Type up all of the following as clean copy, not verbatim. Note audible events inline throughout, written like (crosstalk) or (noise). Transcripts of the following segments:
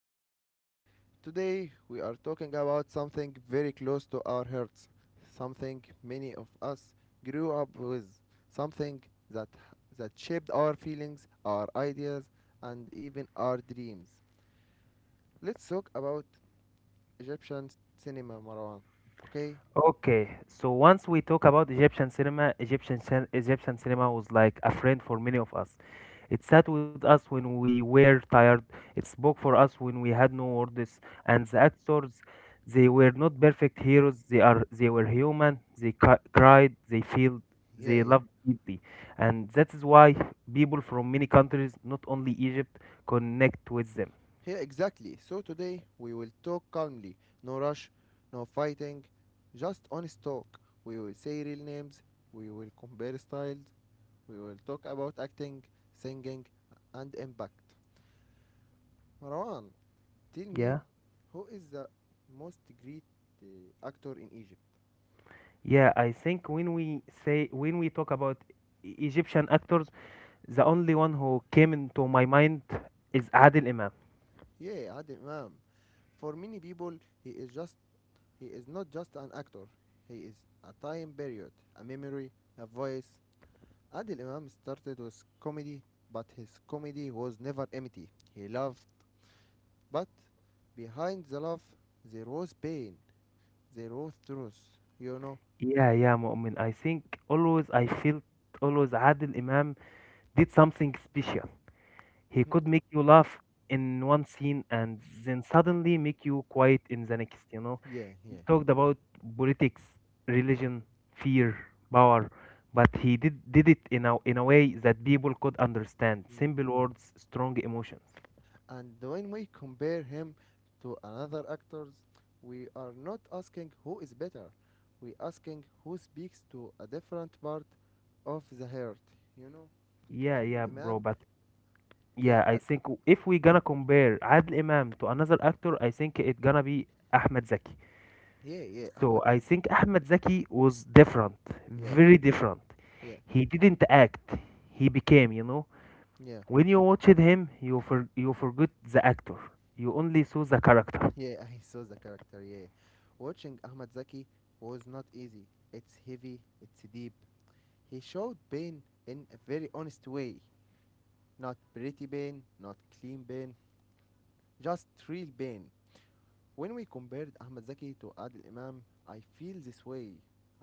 today. Today we are talking about something very close to our hearts, something many of us grew up with, something that that shaped our feelings, our ideas, and even our dreams. Let's talk about Egyptian cinema, Marwan. Okay? Okay, so once we talk about Egyptian cinema, Egyptian cinema was like a friend for many of us. It sat with us when we were tired. It spoke for us when we had no words. And the actors, they were not perfect heroes. They were human. Cried. They felt. They loved deeply, and that is why people from many countries, not only Egypt, connect with them. Yeah, exactly. So today we will talk calmly, no rush, no fighting, just honest talk. We will say real names, we will compare styles, we will talk about acting, singing, and impact. Marwan, tell me, Yeah, who is the most great actor in Egypt? yeah. I think when we talk about Egyptian actors, the only one who came into my mind is Adil Imam. Yeah, Adel Imam. For many people, he is just he is not just an actor. He is a time period, a memory, a voice. Adil Imam started with comedy, but his comedy was never empty. He loved, but behind the love, there was pain, there was truth, you know? Yeah, yeah, Mu'min. I think always I felt always Adil Imam did something special. He could (laughs) make you laugh in one scene and then suddenly make you quiet in the next, you know. Yeah, He yeah. talked about politics, religion, fear, power, but he did it in a way that people could understand. Mm. Simple words, strong emotions. And when we compare him to another actors, we are not asking who is better. We asking who speaks to a different part of the heart, you know? Yeah, yeah, Adil bro. Imam, But yeah. yeah, I think if we gonna compare Adel Imam to another actor, I think it gonna be Ahmed Zaki. Yeah, yeah, So Ahmed I Zaki, think Ahmed Zaki was different, yeah, very different. yeah, He didn't act, he became, you know. yeah. When you watched him, you forgot the actor. You only saw the character. Yeah, (laughs) I saw the character, yeah. Watching Ahmad Zaki was not easy. It's heavy, it's deep. He showed pain in a very honest way. Not pretty pain, not clean pain, just real pain. When we compared Ahmad Zaki to Adil Imam, I feel this way.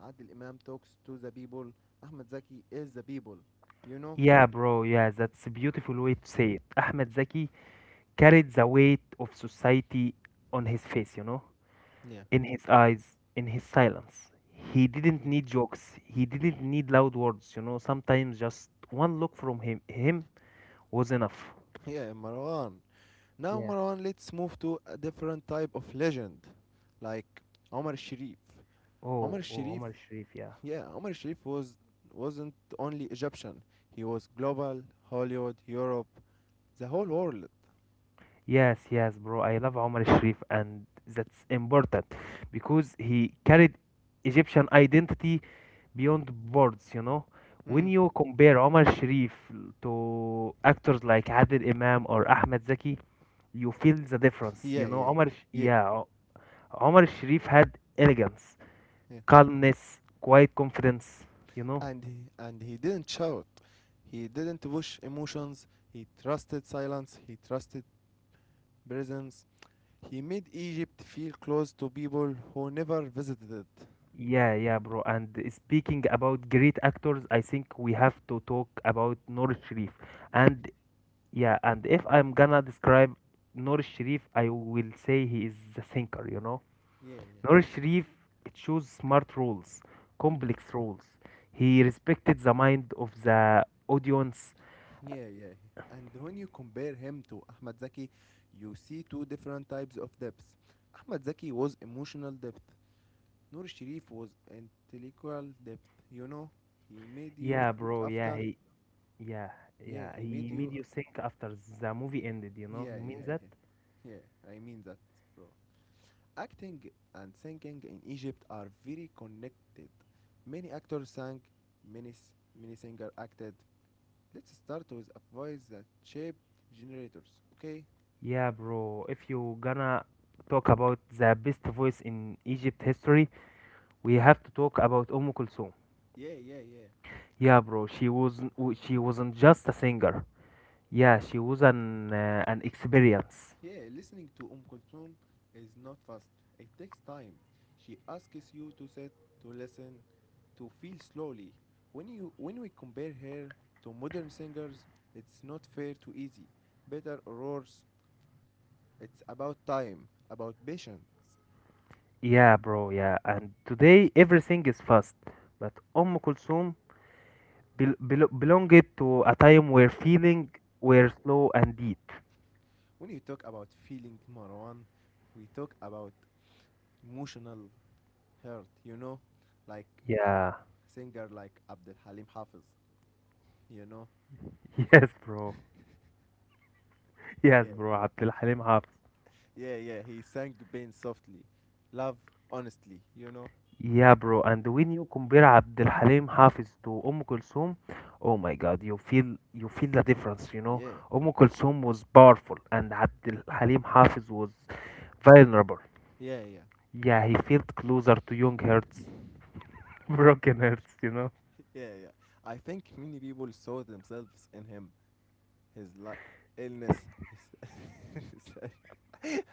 Adil Imam talks to the people, Ahmad Zaki is the people. You know? Yeah, bro, yeah, that's a beautiful way to say it. Ahmed Zaki carried the weight of society on his face, you know, Yeah. in his eyes, in his silence. He didn't Yeah, need jokes. He didn't need loud words. You know, sometimes just one look from him was enough. (laughs) yeah, Marwan. Now, Yeah. Marwan, let's move to a different type of legend, like Omar Sharif. Omar Oh, oh, Sharif, Omar Sharif. Yeah. yeah, Omar Sharif wasn't only Egyptian. He was global, Hollywood, Europe, the whole world. Yes, yes, bro. I love Omar Sharif, and that's important because he carried Egyptian identity beyond words. You know, when Mm. you compare Omar Sharif to actors like Adil Imam or Ahmed Zaki, you feel the difference. Yeah, You know, yeah, yeah, Omar Sharif had elegance, yeah. calmness, quiet confidence, you know? And he didn't shout. He didn't push emotions. He trusted silence. He trusted presence. He made Egypt feel close to people who never visited it. Yeah, yeah, bro. And speaking about great actors, I think we have to talk about Noor Sharif. And yeah, and if I'm gonna describe Noor Sharif, I will say he is the thinker, you know? Yeah, Noor Sharif chose smart roles, yeah. Mm. complex roles. He respected the mind of the audience. Yeah, yeah. And when you compare him to Ahmad Zaki, you see two different types of depths. Ahmad Zaki was emotional depth. Noor Sharif was intellectual depth. You know, he made you Yeah, think bro. After. Yeah, Yeah, yeah, he he made made you. you think after the movie ended, you know? Yeah, You mean yeah, that? yeah. Yeah, I mean that, bro. Acting and singing in Egypt are very connected. Many actors sang, many, s- many singers acted. Let's start with a voice that shaped generators, okay? Yeah, bro, if you gonna talk about the best voice in Egypt history, we have to talk about Kulthum. Yeah, yeah, yeah. Yeah, bro, she wasn't just a singer. Yeah, she was an experience. Yeah, listening to Kulthum is not fast. It takes time. She asks you to sit, to listen, to feel slowly. When we compare her to modern singers, it's not fair to easy. Better or worse, it's about time, about patience. Yeah, bro, yeah. And today everything is fast, but Kulthum belonged to a time where feeling were slow and deep. When you talk about feeling, Marwan, we talk about emotional hurt, you know? Like Yeah. (laughs) singer like Abdul Halim Hafiz, you know? Yes, bro. Yes, Yeah. bro, عبد Halim حافظ. Yeah, yeah, he sang pain softly. Love honestly, you know? Yeah, bro, and when you compare عبد Halim حافظ to Kulthum, oh my God, you feel the difference, you know. Yeah, Kulthum was powerful, and عبد Halim حافظ was vulnerable. yeah, yeah, Yeah, he felt closer to young hearts, (laughs) broken hearts, you know. (laughs) yeah, yeah. I think many people saw themselves in him. His illness, his. (laughs) Said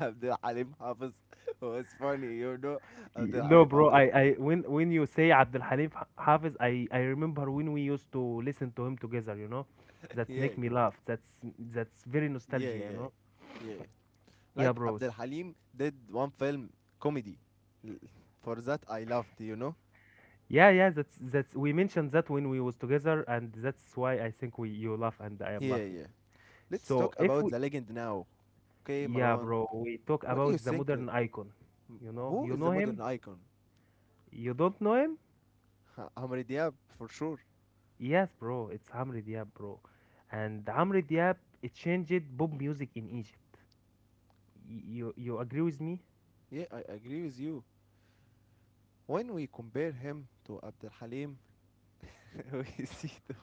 Abdul Halim Hafiz (laughs) was funny, you know? Abdul No, Halim bro, I, Hafiz. (laughs) I when you say عبد حافظ, I remember when we used to listen to him together, you know. That Yeah, make me laugh. That's very nostalgia, yeah, you yeah, know. yeah. Yeah, Like bros. Abdul Halim did one film, comedy. L- For that, I loved, you know? Yeah, yeah, that's we mentioned that when we was together and that's why I think we you laugh and I am Yeah, laughing. yeah. Let's So talk if about we the legend now, okay, yeah, Marwan? bro, we talk What do about you the think? Modern icon. M- Who You is know the modern him? icon? You don't know him? (laughs) Amr Diab, for sure. Yes, bro, it's Amri Diab, bro. And Amri Diab it changed pop music in Egypt. You you agree with me? Yeah, I agree with you. When we compare him to Abdul Halim, (laughs) we see the...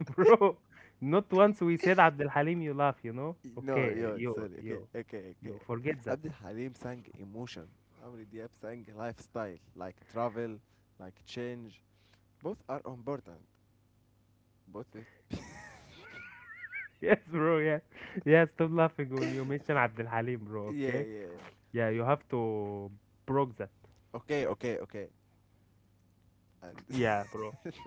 (laughs) Bro, not once we said Abdul Halim you laugh, you know? (laughs) No, Okay, yo, you sorry. Okay, you okay, you okay. forget that. Abdul Halim sang emotion. Amr Diab sang lifestyle, like travel, like change. Both are important. Both. (laughs) Yes, bro. Yeah, yeah. Stop laughing when you mention Abdul Halim, bro. Yeah, Okay. yeah. Yeah, you have to broke that. Okay, okay, okay. And Yeah, bro. (laughs)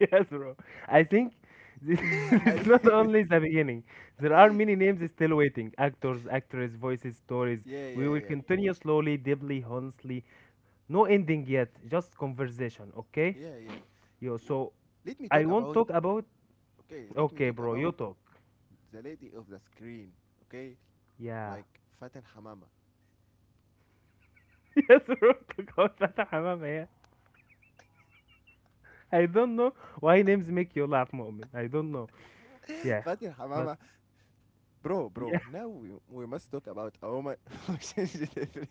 Yes, bro. I think this (laughs) (laughs) this is and not (laughs) only the beginning. There are many names still waiting. Actors, actresses, voices, stories. yeah, We yeah, will yeah, continue slowly, deeply, honestly. No ending yet. Just conversation. Okay. yeah, yeah. Yo. W- So, Let me I talk won't about. talk about. Okay, let me Okay, talk bro. You about talk. the lady of the screen, okay? Yeah. Like Fatin Hamama. (laughs) Yes, bro. Talk about Fatah Hamam. (laughs) I don't know why names make you laugh, Mu'min. I don't know. (laughs) Yeah, Fatin but Hamama, bro, yeah, now we must talk about a woman (laughs) who changed everything.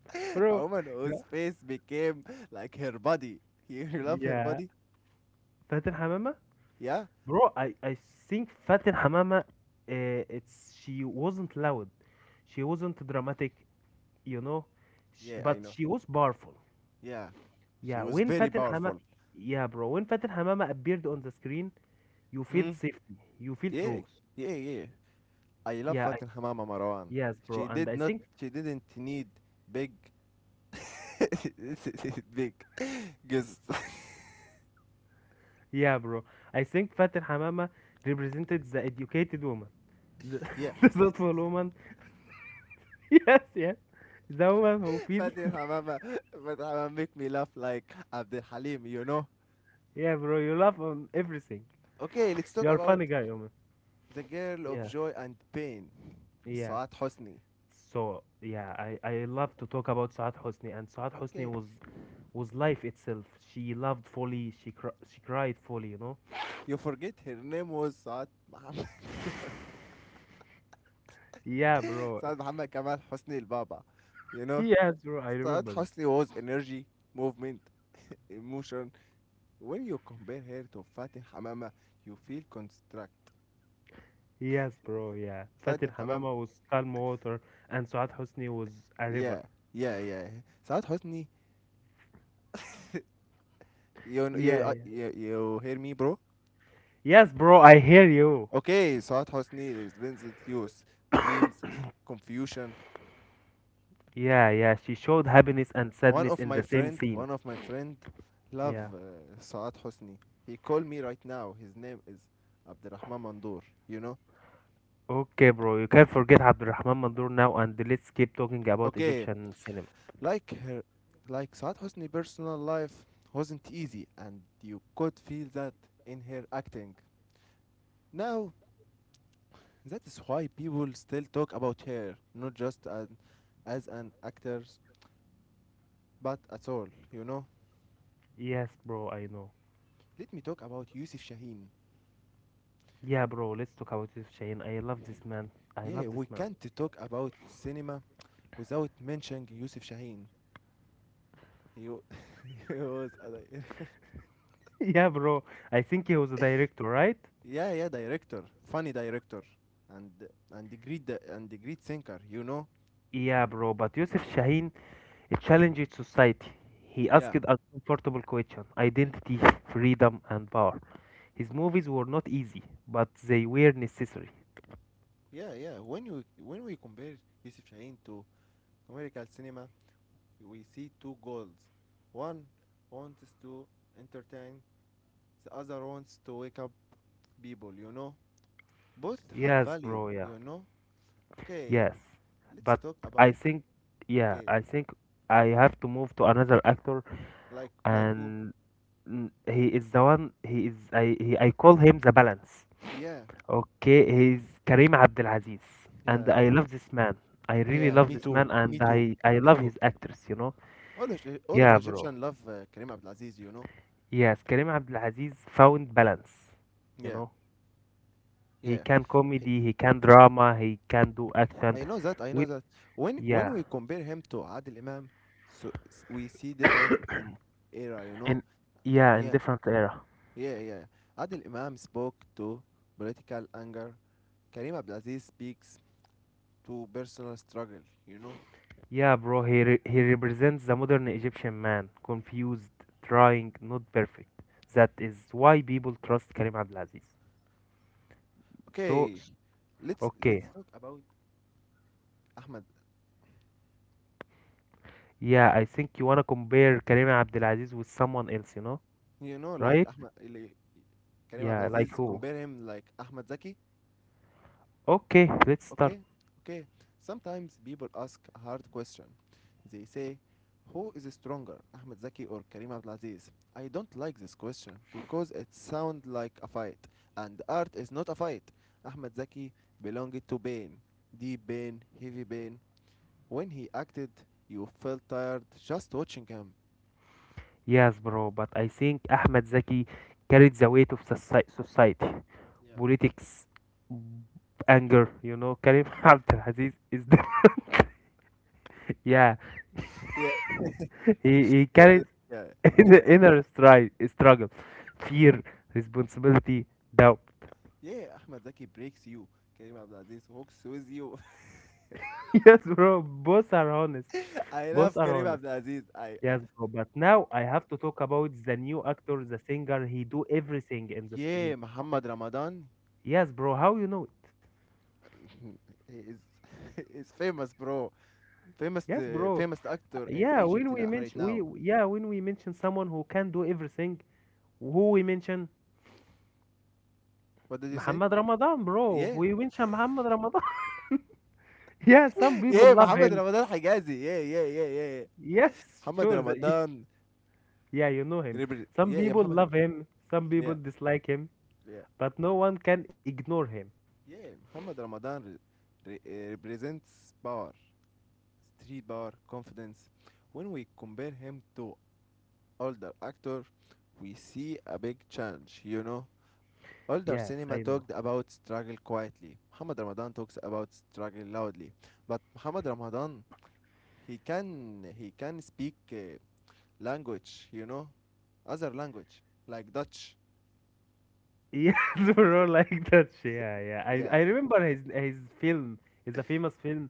(laughs) A bro. woman Yeah, whose face became like her body. You love her yeah. body? Fatin Hamama, Yeah? bro. I think Fatin Hamama, it's she wasn't loud, she wasn't dramatic, you know, sh Yeah, I but know. she was powerful. Yeah. She Yeah, was when very Fatin Hamama, powerful. yeah, bro. When Fatin Hamama appeared on the screen, you feel Hmm? safety, you feel Yeah, truth. yeah, yeah. I love Yeah, I, Fatin Hamama, Marwan. yes, bro. She And I did not, think she didn't need big, (laughs) big girls. yeah, bro. I think Fatih Hamama represented the educated woman. The, (laughs) Yeah, (laughs) the thoughtful woman. (laughs) Yes, yes. The woman who feels. Fatih Hamama, but Hamama make me laugh like Abdel Halim, you know. (laughs) Yeah, bro. You laugh on everything. Okay, let's talk You're a about funny guy, woman. the girl of Yeah, joy and pain, yeah. Saad Hosni. So, yeah, I love to talk about Saad Hosni. And Saad Hosni Okay, was life itself. She loved fully. She cried fully, you know? you forget her name was Saad Muhammad, Yeah, (laughs) bro. (laughs) Saad Muhammad Kamal Hosni El Baba. You know, Yes, bro. I Saad remember. Hosni was energy, movement, emotion. When you compare her to Fatih Hamama, you feel construct. Yes, bro. Yeah. Fatih Fatih Hamama Hamama, was calm water and Saad Hosni was a river. yeah, yeah, yeah. Saad Hosni, you, you, Yeah, uh, yeah. you, you hear me, bro? Yes, bro, I hear you. Okay, Saad Hosni represents youth, dreams, (laughs) confusion. Yeah, yeah. She showed happiness and sadness in the same scene. One of my friend, love Yeah. Saad Hosni. He called me right now. His name is Abdurrahman Mandoor. You know. Okay, bro. You can't forget Abdulrahman Mandur now, and let's keep talking about Okay, Egyptian cinema. like her, like Saad Hosni personal life wasn't easy, and you could feel that in her acting. Now, that is why people still talk about her, not just an, as an actor, but at all. You know. Yes, bro, I know. Let me talk about Yusuf Shaheen. Yeah, bro, let's talk about Yusuf Shahin. I love this man. I love Yeah, this we man. can't talk about cinema without mentioning Yusuf Shaheen. He, wa- (laughs) he (laughs) Yeah, bro. I think he was a director, right? (laughs) yeah, yeah, director, funny director, and and the and the great thinker, you know. Yeah, bro. But Yusuf Shahin It challenged society. He Yeah. asked uncomfortable questions: Mm. identity, freedom, and power. His movies were not easy, but they were necessary. Yeah, yeah. When we compare Yusuf Shaheen to commercial cinema, we see two goals. One wants to entertain, the other wants to wake up people, you know. Both have Yes, value, bro, yeah. you know. Okay, Yes. let's But talk I about. think, yeah, Okay. I think I have to move to another actor, Like who? and mm, he is the one, he is, I, he, I call him the balance. Yeah, Okay, he's Kareem Abdelaziz, and yeah, I love this man. I really yeah. love Me this too. man, Me and too. I Me love too. his actress, you know? All of Yeah, bro. Egyptian love Kareem Abdulaziz. You know. Yes, Kareem Abdul Aziz found balance. You Yeah, know, he yeah. can He, comedy, he can drama, he can do action. I know that. I know With that. When yeah, we compare him to Adil Imam, we see difference in era. You know. and yeah, in Yeah, different era. yeah, yeah. Adil Imam spoke to political anger. Kareem Abdulaziz speaks to personal struggle. You know. Yeah, bro, he represents the modern Egyptian man, confused, trying, not perfect. That is why people trust Kareem Abdul Aziz. So, Okay, let's okay, let's talk about Ahmed. yeah, I think you wanna compare Kareem Abdul Aziz with someone else, you know, You know, like right? Ahmed, like Karim Yeah, like Abdulaziz, who? compare him like Ahmed Zaki. Okay, let's start. Okay, okay. Sometimes people ask a hard question. They say, "Who is stronger, Ahmed Zaki or Karim Abdulaziz?" I don't like this question because it sounds like a fight, and art is not a fight. Ahmed Zaki belonged to pain, deep pain, heavy pain. When he acted, you felt tired just watching him. Yes, bro, but I think Ahmed Zaki carried the weight of society, Yeah. politics, b- anger, you know. Karim (laughs) Abdelaziz is the, (laughs) yeah, Yeah, he carries yeah, (laughs) yeah. Inner struggle, fear, responsibility, doubt. (laughs) Yeah, Ahmed Zaki breaks you. Kareem Abdul Aziz walks with you. Yes, bro, both are honest. (laughs) I Both love are Kareem honest. Abdul Aziz. I Yes, bro, but now I have to talk about the new actor, the singer. He do everything in the yeah, screen. Muhammad Ramadan Yes, bro, how you know it? (laughs) he is (laughs) he is famous, bro. Famous Yes, bro. famous actor in Egypt right now. Yeah, when we mention someone who can do everything, who we mention What did you say? Muhammad Ramadan, bro. Yeah, We mention Muhammad Ramadan. (laughs) Yeah, some people yeah, love Muhammad him. Ramadan Hijazi. Yeah, yeah, yeah, yeah, yeah. Yes, Muhammad sure. Ramadan. Yeah, you know him. Some Yeah, yeah, people Muhammad. love him, some people Yeah, dislike him, yeah, but no one can ignore him. yeah. Muhammad Ramadan represents power, street power, confidence. When we compare him to older actor, we see a big change, you know? Older Yes, cinema I know. talked about struggle quietly. Muhammad Ramadan talks about struggle loudly. But Muhammad Ramadan, he can he can speak language, you know? Other language like Dutch. Yes, (laughs) bro, like that shit. Yeah, yeah. I Yeah, I yeah. remember his film. It's a famous film,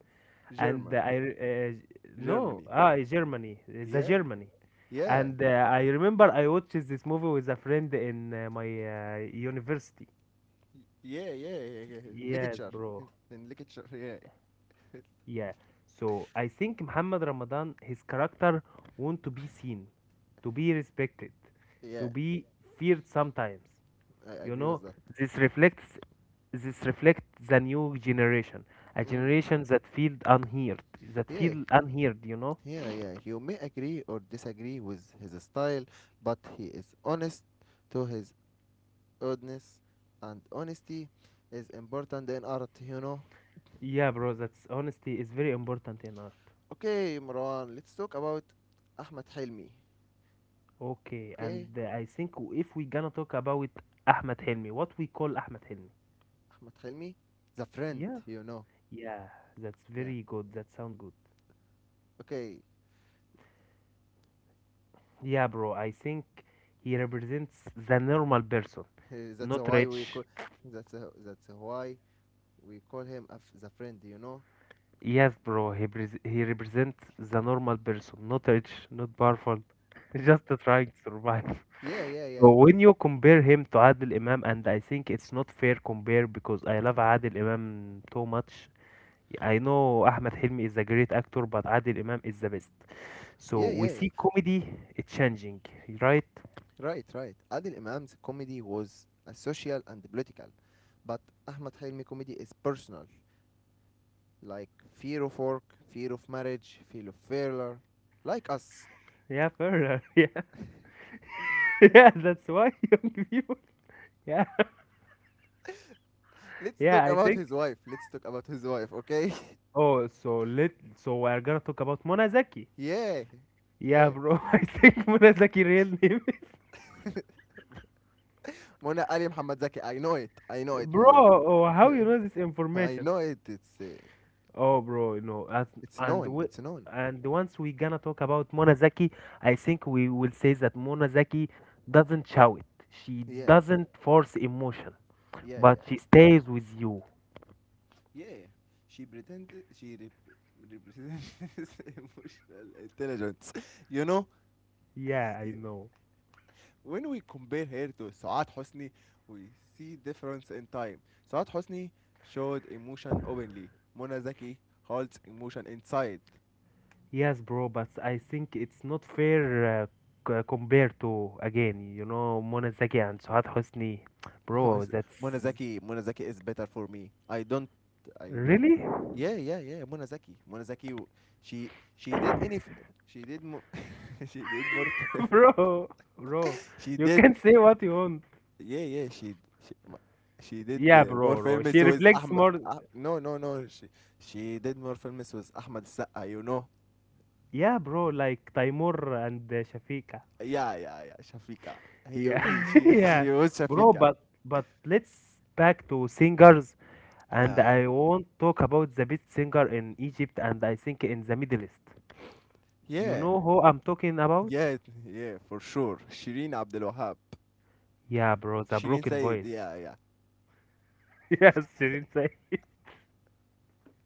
and German, no, Germany. ah, Germany, the Yeah. Germany. Yeah. And I remember I watched this movie with a friend in my university. Yeah, yeah, yeah, yeah. Yes, Literature. bro. (laughs) In literature, yeah. Yeah. So I think Muhammad Ramadan, his character want to be seen, to be respected, to Yeah, be feared sometimes. I You agree with know, that. this reflects this reflects the new generation, a Mm. generation that Yeah. feel unheard, you know? Yeah, yeah. You may agree or disagree with his style, but he is honest to his audience, and honesty is important in art, you know. Yeah, bro, that's honesty is very important in art. Okay, Marwan, let's talk about Ahmed Hilmi. Okay, Okay, and I think if we gonna talk about Ahmed Helmi, what we call Ahmed Helmi. Ahmed Hilmi, the friend, Yeah. you know. Yeah, that's Yeah. very good. That sound good. Okay, Yeah, bro, I think he represents the normal person, (laughs) that's not why we rich. call that's why we call him a the friend, you know. Yes, bro, he represents the normal person, not rich, not powerful, (laughs) just trying to survive. Yeah, yeah, yeah, So when you compare him to Adil Imam, and I think it's not fair compare because I love Adil Imam too much, I know Ahmed Hilmi is a great actor, but Adil Imam is the best. So yeah, we yeah. see comedy changing, right? Right, right. Adil Imam's comedy was a social and political, but Ahmad Hilmi's comedy is personal, like fear of work, fear of marriage, fear of failure, like us. Yeah, further. (laughs) Yeah, (laughs) yeah. That's why (laughs) young people. Yeah, Let's yeah. talk I about think. his wife. Let's talk about his wife, okay? Oh, so let. So we're gonna talk about Mona Zaki. (laughs) Yeah, Yeah, yeah. bro. (laughs) I think Mona Zaki real name. Mona Ali Muhammad Zaki, I know it. I know (laughs) it, Bro, Marwan. oh, how you know this (laughs) I information? know it. Oh, bro, you know, as, It's and known. we, It's known. and once we gonna talk about Monazaki, I think we will say that Monazaki doesn't shout. She Yeah, doesn't force emotion, yeah, but yeah. she stays with you. Yeah, she represents (laughs) emotional intelligence. You know, Yeah, I know. when we compare her to Saad Hosni, we see difference in time. Saad Hosni showed emotion openly. Mona Zaki holds emotion inside. Yes, bro, but I think it's not fair compared to again, you know, Monazaki and Suhad Hosni. (laughs) Mo- Bro, that's Mona Zaki, Mona Zaki is better for me. I don't. really, Yeah, yeah, yeah. Mona Zaki, Mona Zaki. She did any. She did. (laughs) She did more. (laughs) bro, bro. (laughs) she You did can say what you want. yeah, yeah, she she, m- she did Yeah, more bro, bro. She films with reflects Ahmed. more. Ah no, no, no. She did more films with Ahmed Saqa. You know? Yeah, bro, like Taimur and Shafika. Yeah, yeah, yeah. Shafika. He Yeah, (laughs) she (laughs) yeah, she was bro. Shafika. But let's back to singers, and Yeah, I won't talk about the best singer in Egypt and I think in the Middle East. You yeah, know who I'm talking about? yeah, yeah. For sure. Shireen Abdul Wahab. Yeah, bro, the Shireen broken Said. voice. Yeah, (laughs) yeah, Yes, Shirin say.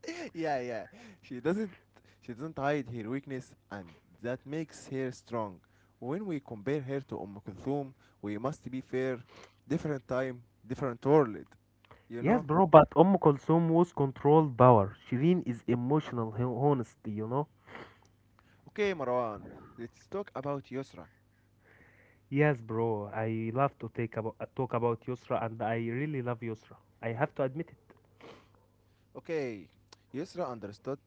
(laughs) yeah, yeah. She doesn't she doesn't hide her weakness, and that makes her strong. When we compare her to Kulthum, we must be fair different time, different world. You Yes, know? bro, but Kulthum was controlled power. Shirin is emotional honesty, you know. Okay, Marwan, let's talk about Yusra. Yes, bro, I love to talk about Yusra, and I really love Yusra. I have to admit it. Okay, Yusra understood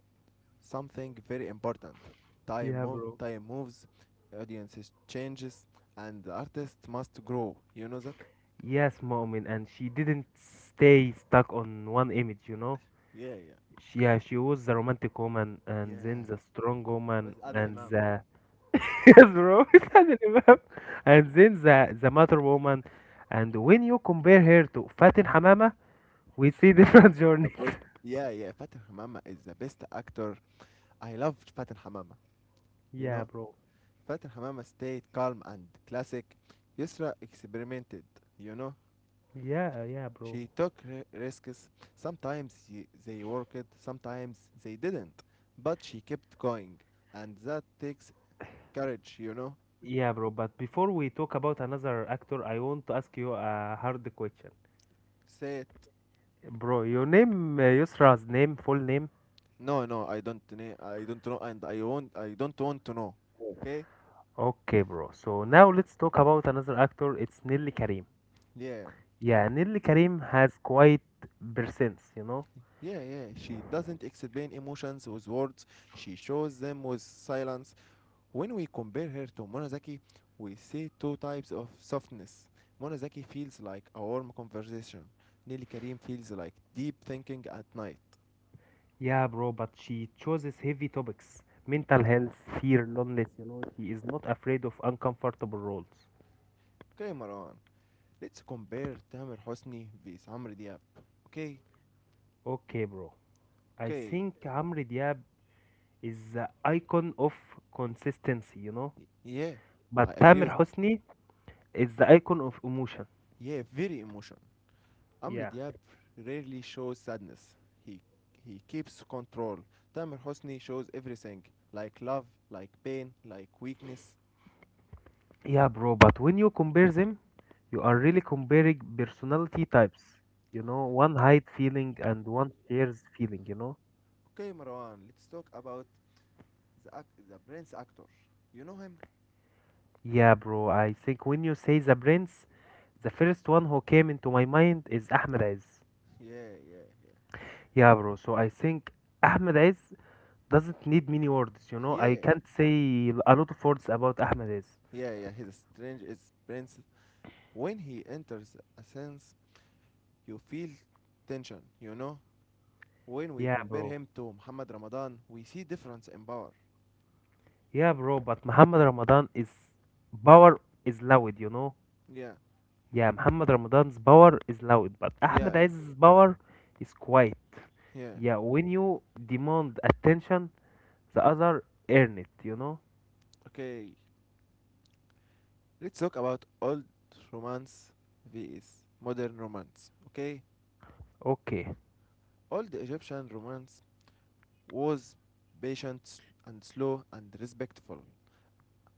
something very important. Yeah, bro. Time moves, audiences changes, and the artist must grow. You know that? Yes, Mu'min, and she didn't stay stuck on one image, you know? Yeah, yeah. She, yeah, she was the romantic woman, and then Yeah. the strong woman, With Adil and Imam. the... (laughs) Yes, bro, (laughs) it's an imam. And then the mother woman. And when you compare her to Fatin Hamama, we Fatin see different (laughs) journeys. Hamama. Yeah, yeah. Fatin Hamama is the best actor. I love Fatin Hamama. You Yeah, know, bro. Fatin Hamama stayed calm and classic. Yusra experimented. You know, Yeah, yeah, bro. She took risks. Sometimes they worked, sometimes they didn't. But she kept going. And that takes courage, you know? Yeah, bro, but before we talk about another actor, I want to ask you a hard question. Say it. Bro, your name, Yusra's name, full name. No, no, I don't know. I don't know and I don't want to know. Okay? Okay, bro. So now let's talk about another actor. It's Nelly Karim. Yeah. Yeah, Nelly Karim has quite presence, you know. Yeah, yeah. She doesn't explain emotions with words. She shows them with silence. When we compare her to Monozaki, we see two types of softness. Monozaki feels like a warm conversation. Nili Karim feels like deep thinking at night. Yeah, bro, but she chooses heavy topics: mental health, fear, loneliness. You know, she is not afraid of uncomfortable roles. Okay, Marwan, let's compare Tamer Hosni with Amr Diab. Okay, Okay, bro. I okay, think Amr Diab is the icon of consistency, you know. Yeah, But I agree Tamer with. Hosni is the icon of emotion. Yeah, very emotional. Amr Yeah. Diab rarely shows sadness. He he keeps control. Tamer Hosni shows everything, like love, like pain, like weakness. Yeah, bro. But when you compare them, you are really comparing personality types. You know, one hide feeling and one shares feeling, you know? Okay, Marwan, let's talk about the prince actor. You know him? Yeah, bro, I think when you say the brands, the first one who came into my mind is Ahmed Aziz. Yeah, yeah, yeah. Yeah, bro, so I think Ahmed Aziz doesn't need many words, you know? I Yeah, can't say a lot of words about Ahmed Aziz. yeah, yeah. He's strange. Is prince. When he enters a sense, you feel tension. You know. When we Yeah, compare bro. him to Muhammad Ramadan, we see difference in power. Yeah, bro, but Muhammad Ramadan is power is loud, you know? Yeah, Yeah, Muhammad Ramadan's power is loud, but Ahmed yeah, yeah, Aziz's power is quiet. yeah. Yeah, when you demand attention, the other earn it, you know? Okay, let's talk about old romance vs modern romance. Okay, Okay. old Egyptian romance was patient and slow and respectful.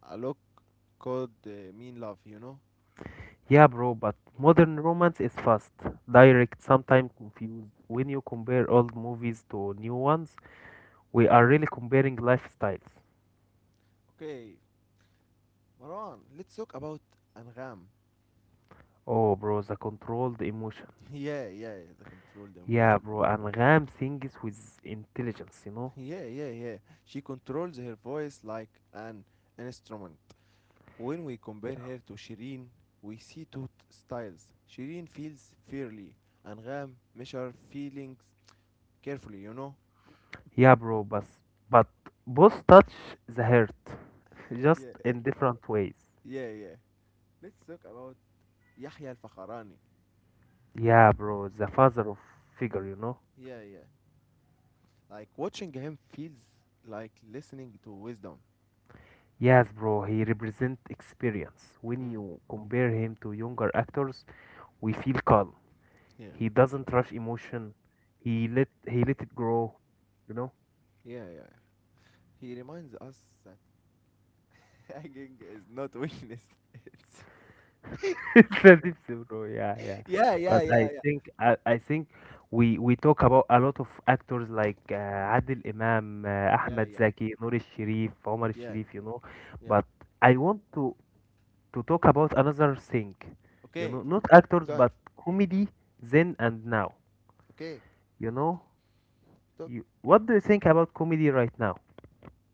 A lot could mean love. Yeah, bro, but modern romance is fast, direct, sometimes confused. When you compare old movies to new ones, we are really comparing lifestyles. Okay, Marwan, let's talk about Angham. Oh, bro, the controlled emotion. (laughs) Yeah, yeah, the control the Yeah, emotion. bro, and Ram sings with intelligence, you know? (laughs) Yeah, yeah, yeah. She controls her voice like an instrument. When we compare Yeah. her to Shireen, we see two styles. Shireen feels fairly, Angham measure feelings carefully, you know? Yeah, bro, but both touch the heart, (laughs) just Yeah, in different ways. yeah, yeah. Let's talk about Yahya al Fakharani. Yeah, bro, the father of figure, you know? Yeah, yeah. Like watching him feels like listening to wisdom. Yes, bro, he represents experience. When Mm. you compare him to younger actors, we feel calm. Yeah. He doesn't rush emotion. He let it grow, you know. Yeah, yeah. Yeah. He reminds us that (laughs) nagging is not weakness. (laughs) It's (laughs) it's It's a deep bro. Yeah, yeah. yeah, yeah, But yeah, I yeah, think I, I think we talk about a lot of actors like Adil Imam, yeah, Ahmed yeah, Zaki, Noor Sharif, Omar yeah, Sharif, you know. yeah. But I want to talk about another thing, you Okay, know, not actors guys. but comedy then and now, Okay, you know. talk You, what do you think about comedy right now?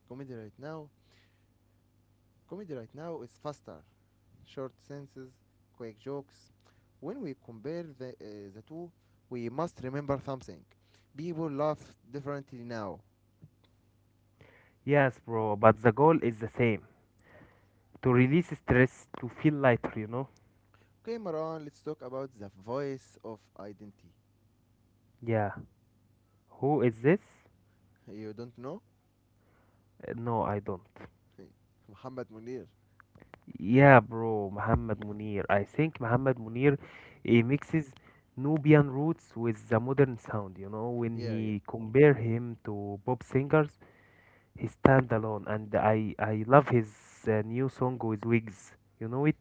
comedy right now. Comedy right now is faster, short sentences, quick jokes. When we compare the two, we must remember something. People laugh differently now. Yes, bro, but the goal is the same to release stress, to feel lighter, you know? Okay, Maran, let's talk about the voice of identity. Yeah. Who is this? You don't know? No, I don't. (laughs) Muhammad Munir. Yeah, bro, Muhammad Munir. I think Muhammad Munir he mixes Nubian roots with the modern sound, you know? When Yeah, yeah. he compare him to pop singers, he stand alone. And I love his new song with Wigs. You know it?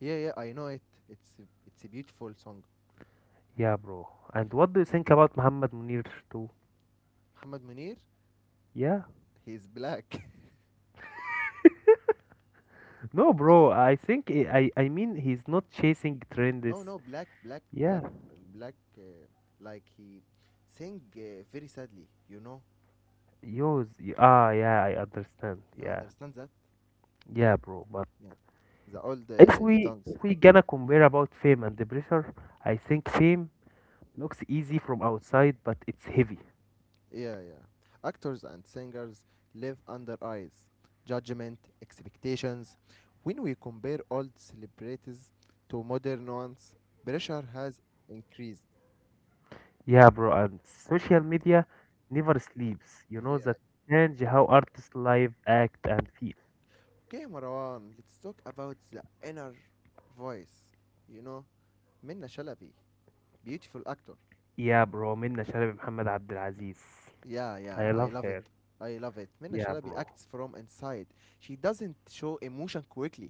Yeah, yeah, I know it. It's a beautiful song. Yeah, bro. And what do you think about Muhammad Munir too? Muhammad Munir, Yeah. he's black. No, bro, I think I mean he's not chasing (laughs) no, trends. no, black, black, Yeah, black, black. Like he sing very sadly. You know, yours. Ah, yeah, I understand. you Yeah, understand that? yeah, bro. But Yeah, the old if we songs. if we gonna compare about fame and the pressure, I think fame looks easy from outside, but it's heavy. Yeah, yeah. Actors and singers live under eyes, judgment, expectations. When we compare old celebrities to modern ones, pressure has increased. Yeah, bro. And social media never sleeps. You (laughs) know Yeah. that change how artists live, act, and feel. Okay, Marwan, let's talk about the inner voice. You know, Minna Shalabi, beautiful actor. Yeah, bro. Minna Shalib Muhammad Abdul Aziz. Yeah, yeah, I I love love it. her. I love it. Minna Yeah, Shalabi bro. acts from inside. She doesn't show emotion quickly.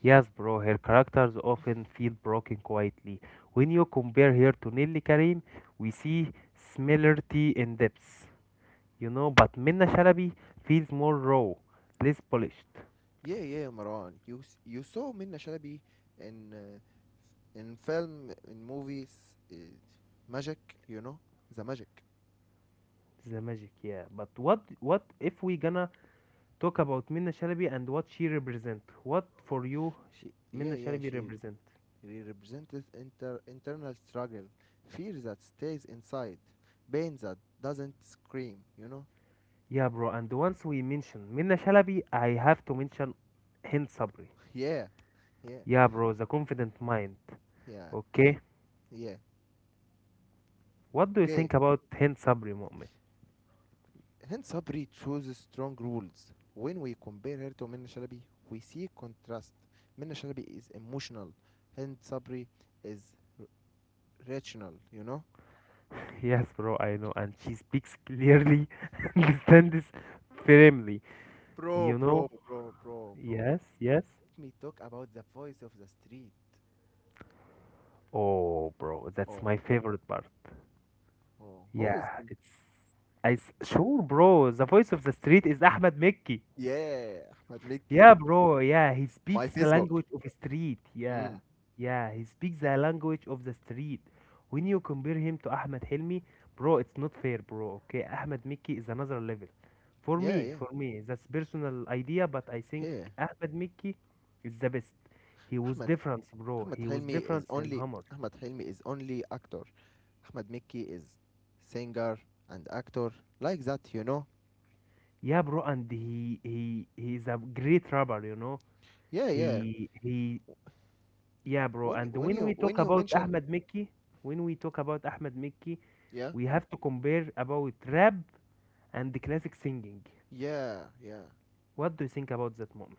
Yes, bro, her characters often feel broken quietly. When you compare her to Nelly Karim, we see similarity in depths, you know, but Minna Shalabi feels more raw, less polished. Yeah, yeah, Marwan. You saw Minna Shalabi in uh, in film in movies, uh, magic. You know, the magic. The magic, yeah. But what if we gonna talk about Minna Shalabi and what she represent? What for you She, yeah, Minna yeah, Shalabi she. represent? He represented internal struggle, fear that stays inside, pain that doesn't scream, you know? Yeah, bro, and once we mention Minna Shalabi, I have to mention Hind Sabri. (laughs) Yeah, yeah, Yeah, bro, the confident mind. yeah, Okay? yeah. What do you Okay, think about Hind Sabri Moment? hence Sabri chooses strong rules. When we compare her to Minna Shalabi, we see contrast. Minna Shalabi is emotional, hence Sabri is rational, you know? (laughs) Yes, bro, I know, and she speaks clearly, (laughs) understands firmly. Bro, You bro, know? bro, bro, bro. Yes, yes. Let me talk about the voice of the street. Oh, bro, that's Oh, my favorite part. oh, who is Yeah, him? it's. Sure, bro. The voice of the street is Ahmed Mekki. Yeah, Ahmed Mickey. Yeah, bro. Yeah, he My speaks the Facebook. language of the street. Mm. Yeah, yeah, he speaks the language of the street. When you compare him to Ahmed Helmi, bro, it's not fair, bro. Okay, Ahmed Mickey is another level. Yeah, yeah, For me, that's personal idea, but I think yeah. Ahmed Mickey is the best. He was Ahmed different, bro. Ahmed He was Helmi is different in only. Hammer. Ahmed Helmi is only actor. Ahmed Mickey is singer and actor like that, you know. Yeah, bro, and he's a great rapper, you know. Yeah, yeah. He yeah, bro. When you, And when when you we when talk you about mention Ahmed Mickey, when we talk about Ahmed Mickey, yeah, we have to compare about rap and classic singing. yeah, yeah. What do you think about that moment?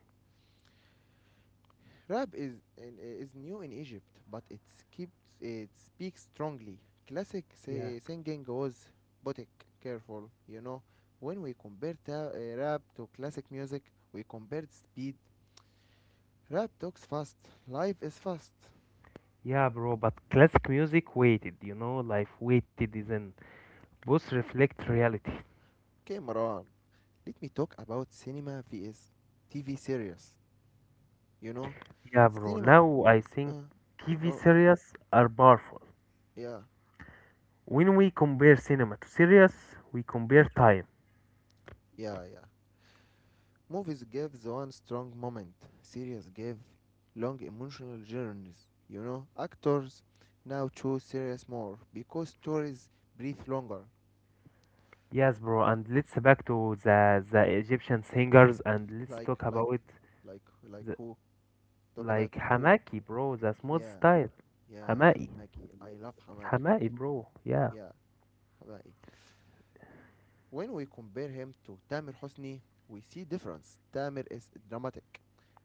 Rap is new in Egypt, but keeps it speaks strongly. Classic Yeah, singing was boutique careful, you know. When we compare rap to classic music, we compared speed. Rap talks fast, life is fast. yeah, bro. But classic music waited, you know, life waited isn't. Both reflect reality. Okay, Marwan, let me talk about cinema vs TV series. You know, Yeah, bro. cinema. Now I think Uh, oh, TV okay, series are powerful. yeah, When we compare cinema to series, we compare time. yeah, yeah. Movies give the one strong moment. Series give long emotional journeys. Actors now choose series more because stories breathe longer. Yes, bro. And let's back to the Egyptian singers and let's Like, talk like, about like, like the, who? Talk about like who? Hamaki, bro. The smooth Yeah, style. yeah, Hamai. Hamaki. I love Hamaki. Hamai, bro. Yeah. Yeah, Hamaki. When we compare him to Tamer Hosni, we see difference. Tamer is dramatic.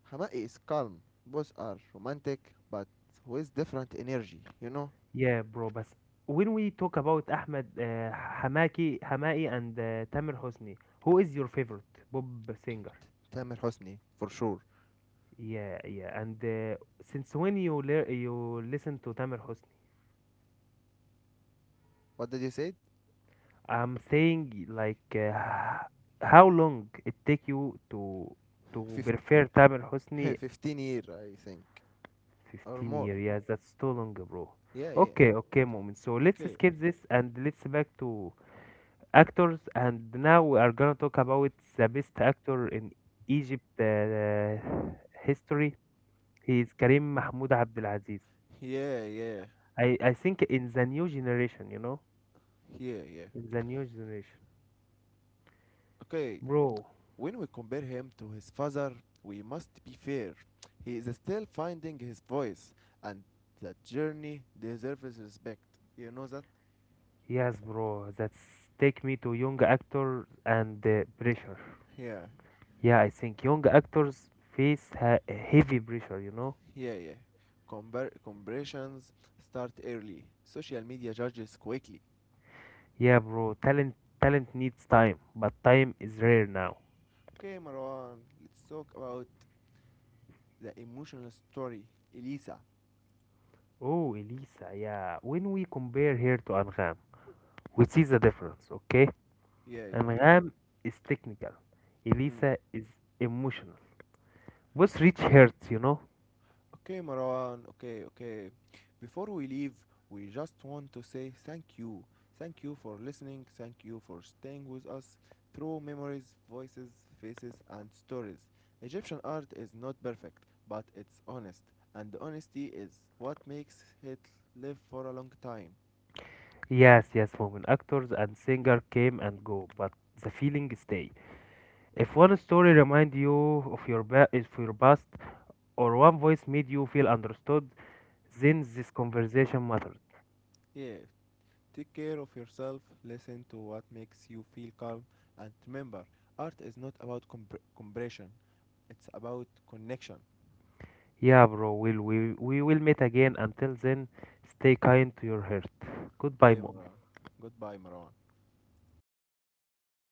Hamai is calm. Both are romantic, but with different energy. Yeah, bro. But when we talk about Ahmed Hamaki, Hamai, and Tamer Hosni, who is your favorite Bob singer? Tamer Hosni for sure. Yeah, yeah. And since when you lear you listen to Tamer Hosni, What did you say? I'm saying like how long it take you to 50, prefer Tamer (laughs) Hosni? 15 year, I think, or 15 more. years. Yeah, that's too long, bro. Yeah, yeah. Okay, okay, moment. So let's Okay. skip this and let's back to actors and now we are gonna talk about the best actor in Egypt history. He is Karim Mahmoud Abdelaziz. Yeah, yeah, I think in the new generation, you know, yeah, yeah. in the new generation. Okay. Bro, When we compare him to his father, we must be fair. He is still finding his voice, and that journey deserves respect. You know that? yes, bro, that's take me to young actors and pressure. Yeah, Yeah, I think young actors face heavy pressure, you know. yeah, yeah. Comparisons start early. Social media judges quickly. Yeah, bro, talent needs time, but time is rare now. Okay, Marwan, let's talk about the emotional story. Elisa. Oh, Elisa, yeah. When we compare her to Angam, we see the difference, okay? Yeah, yeah. Angham is technical. Mm. Elisa is emotional. Both reach hurts, you know? Okay, Marwan. Okay, okay. Before we leave, we just want to say thank you. Thank you for listening. Thank you for staying with us through memories, voices, faces, and stories. Egyptian art is not perfect, but it's honest. And honesty is what makes it live for a long time. Yes, yes, women actors and singer came and go, but the feeling stay. If one story remind you of your of your past, or one voice made you feel understood, then this conversation matters. Yeah, take care of yourself, listen to what makes you feel calm, and remember, art is not about compression, it's about connection. Yeah, bro, we will meet again. Until then, stay kind to your heart. Goodbye, Okay, mom. Maron. Goodbye, Maron.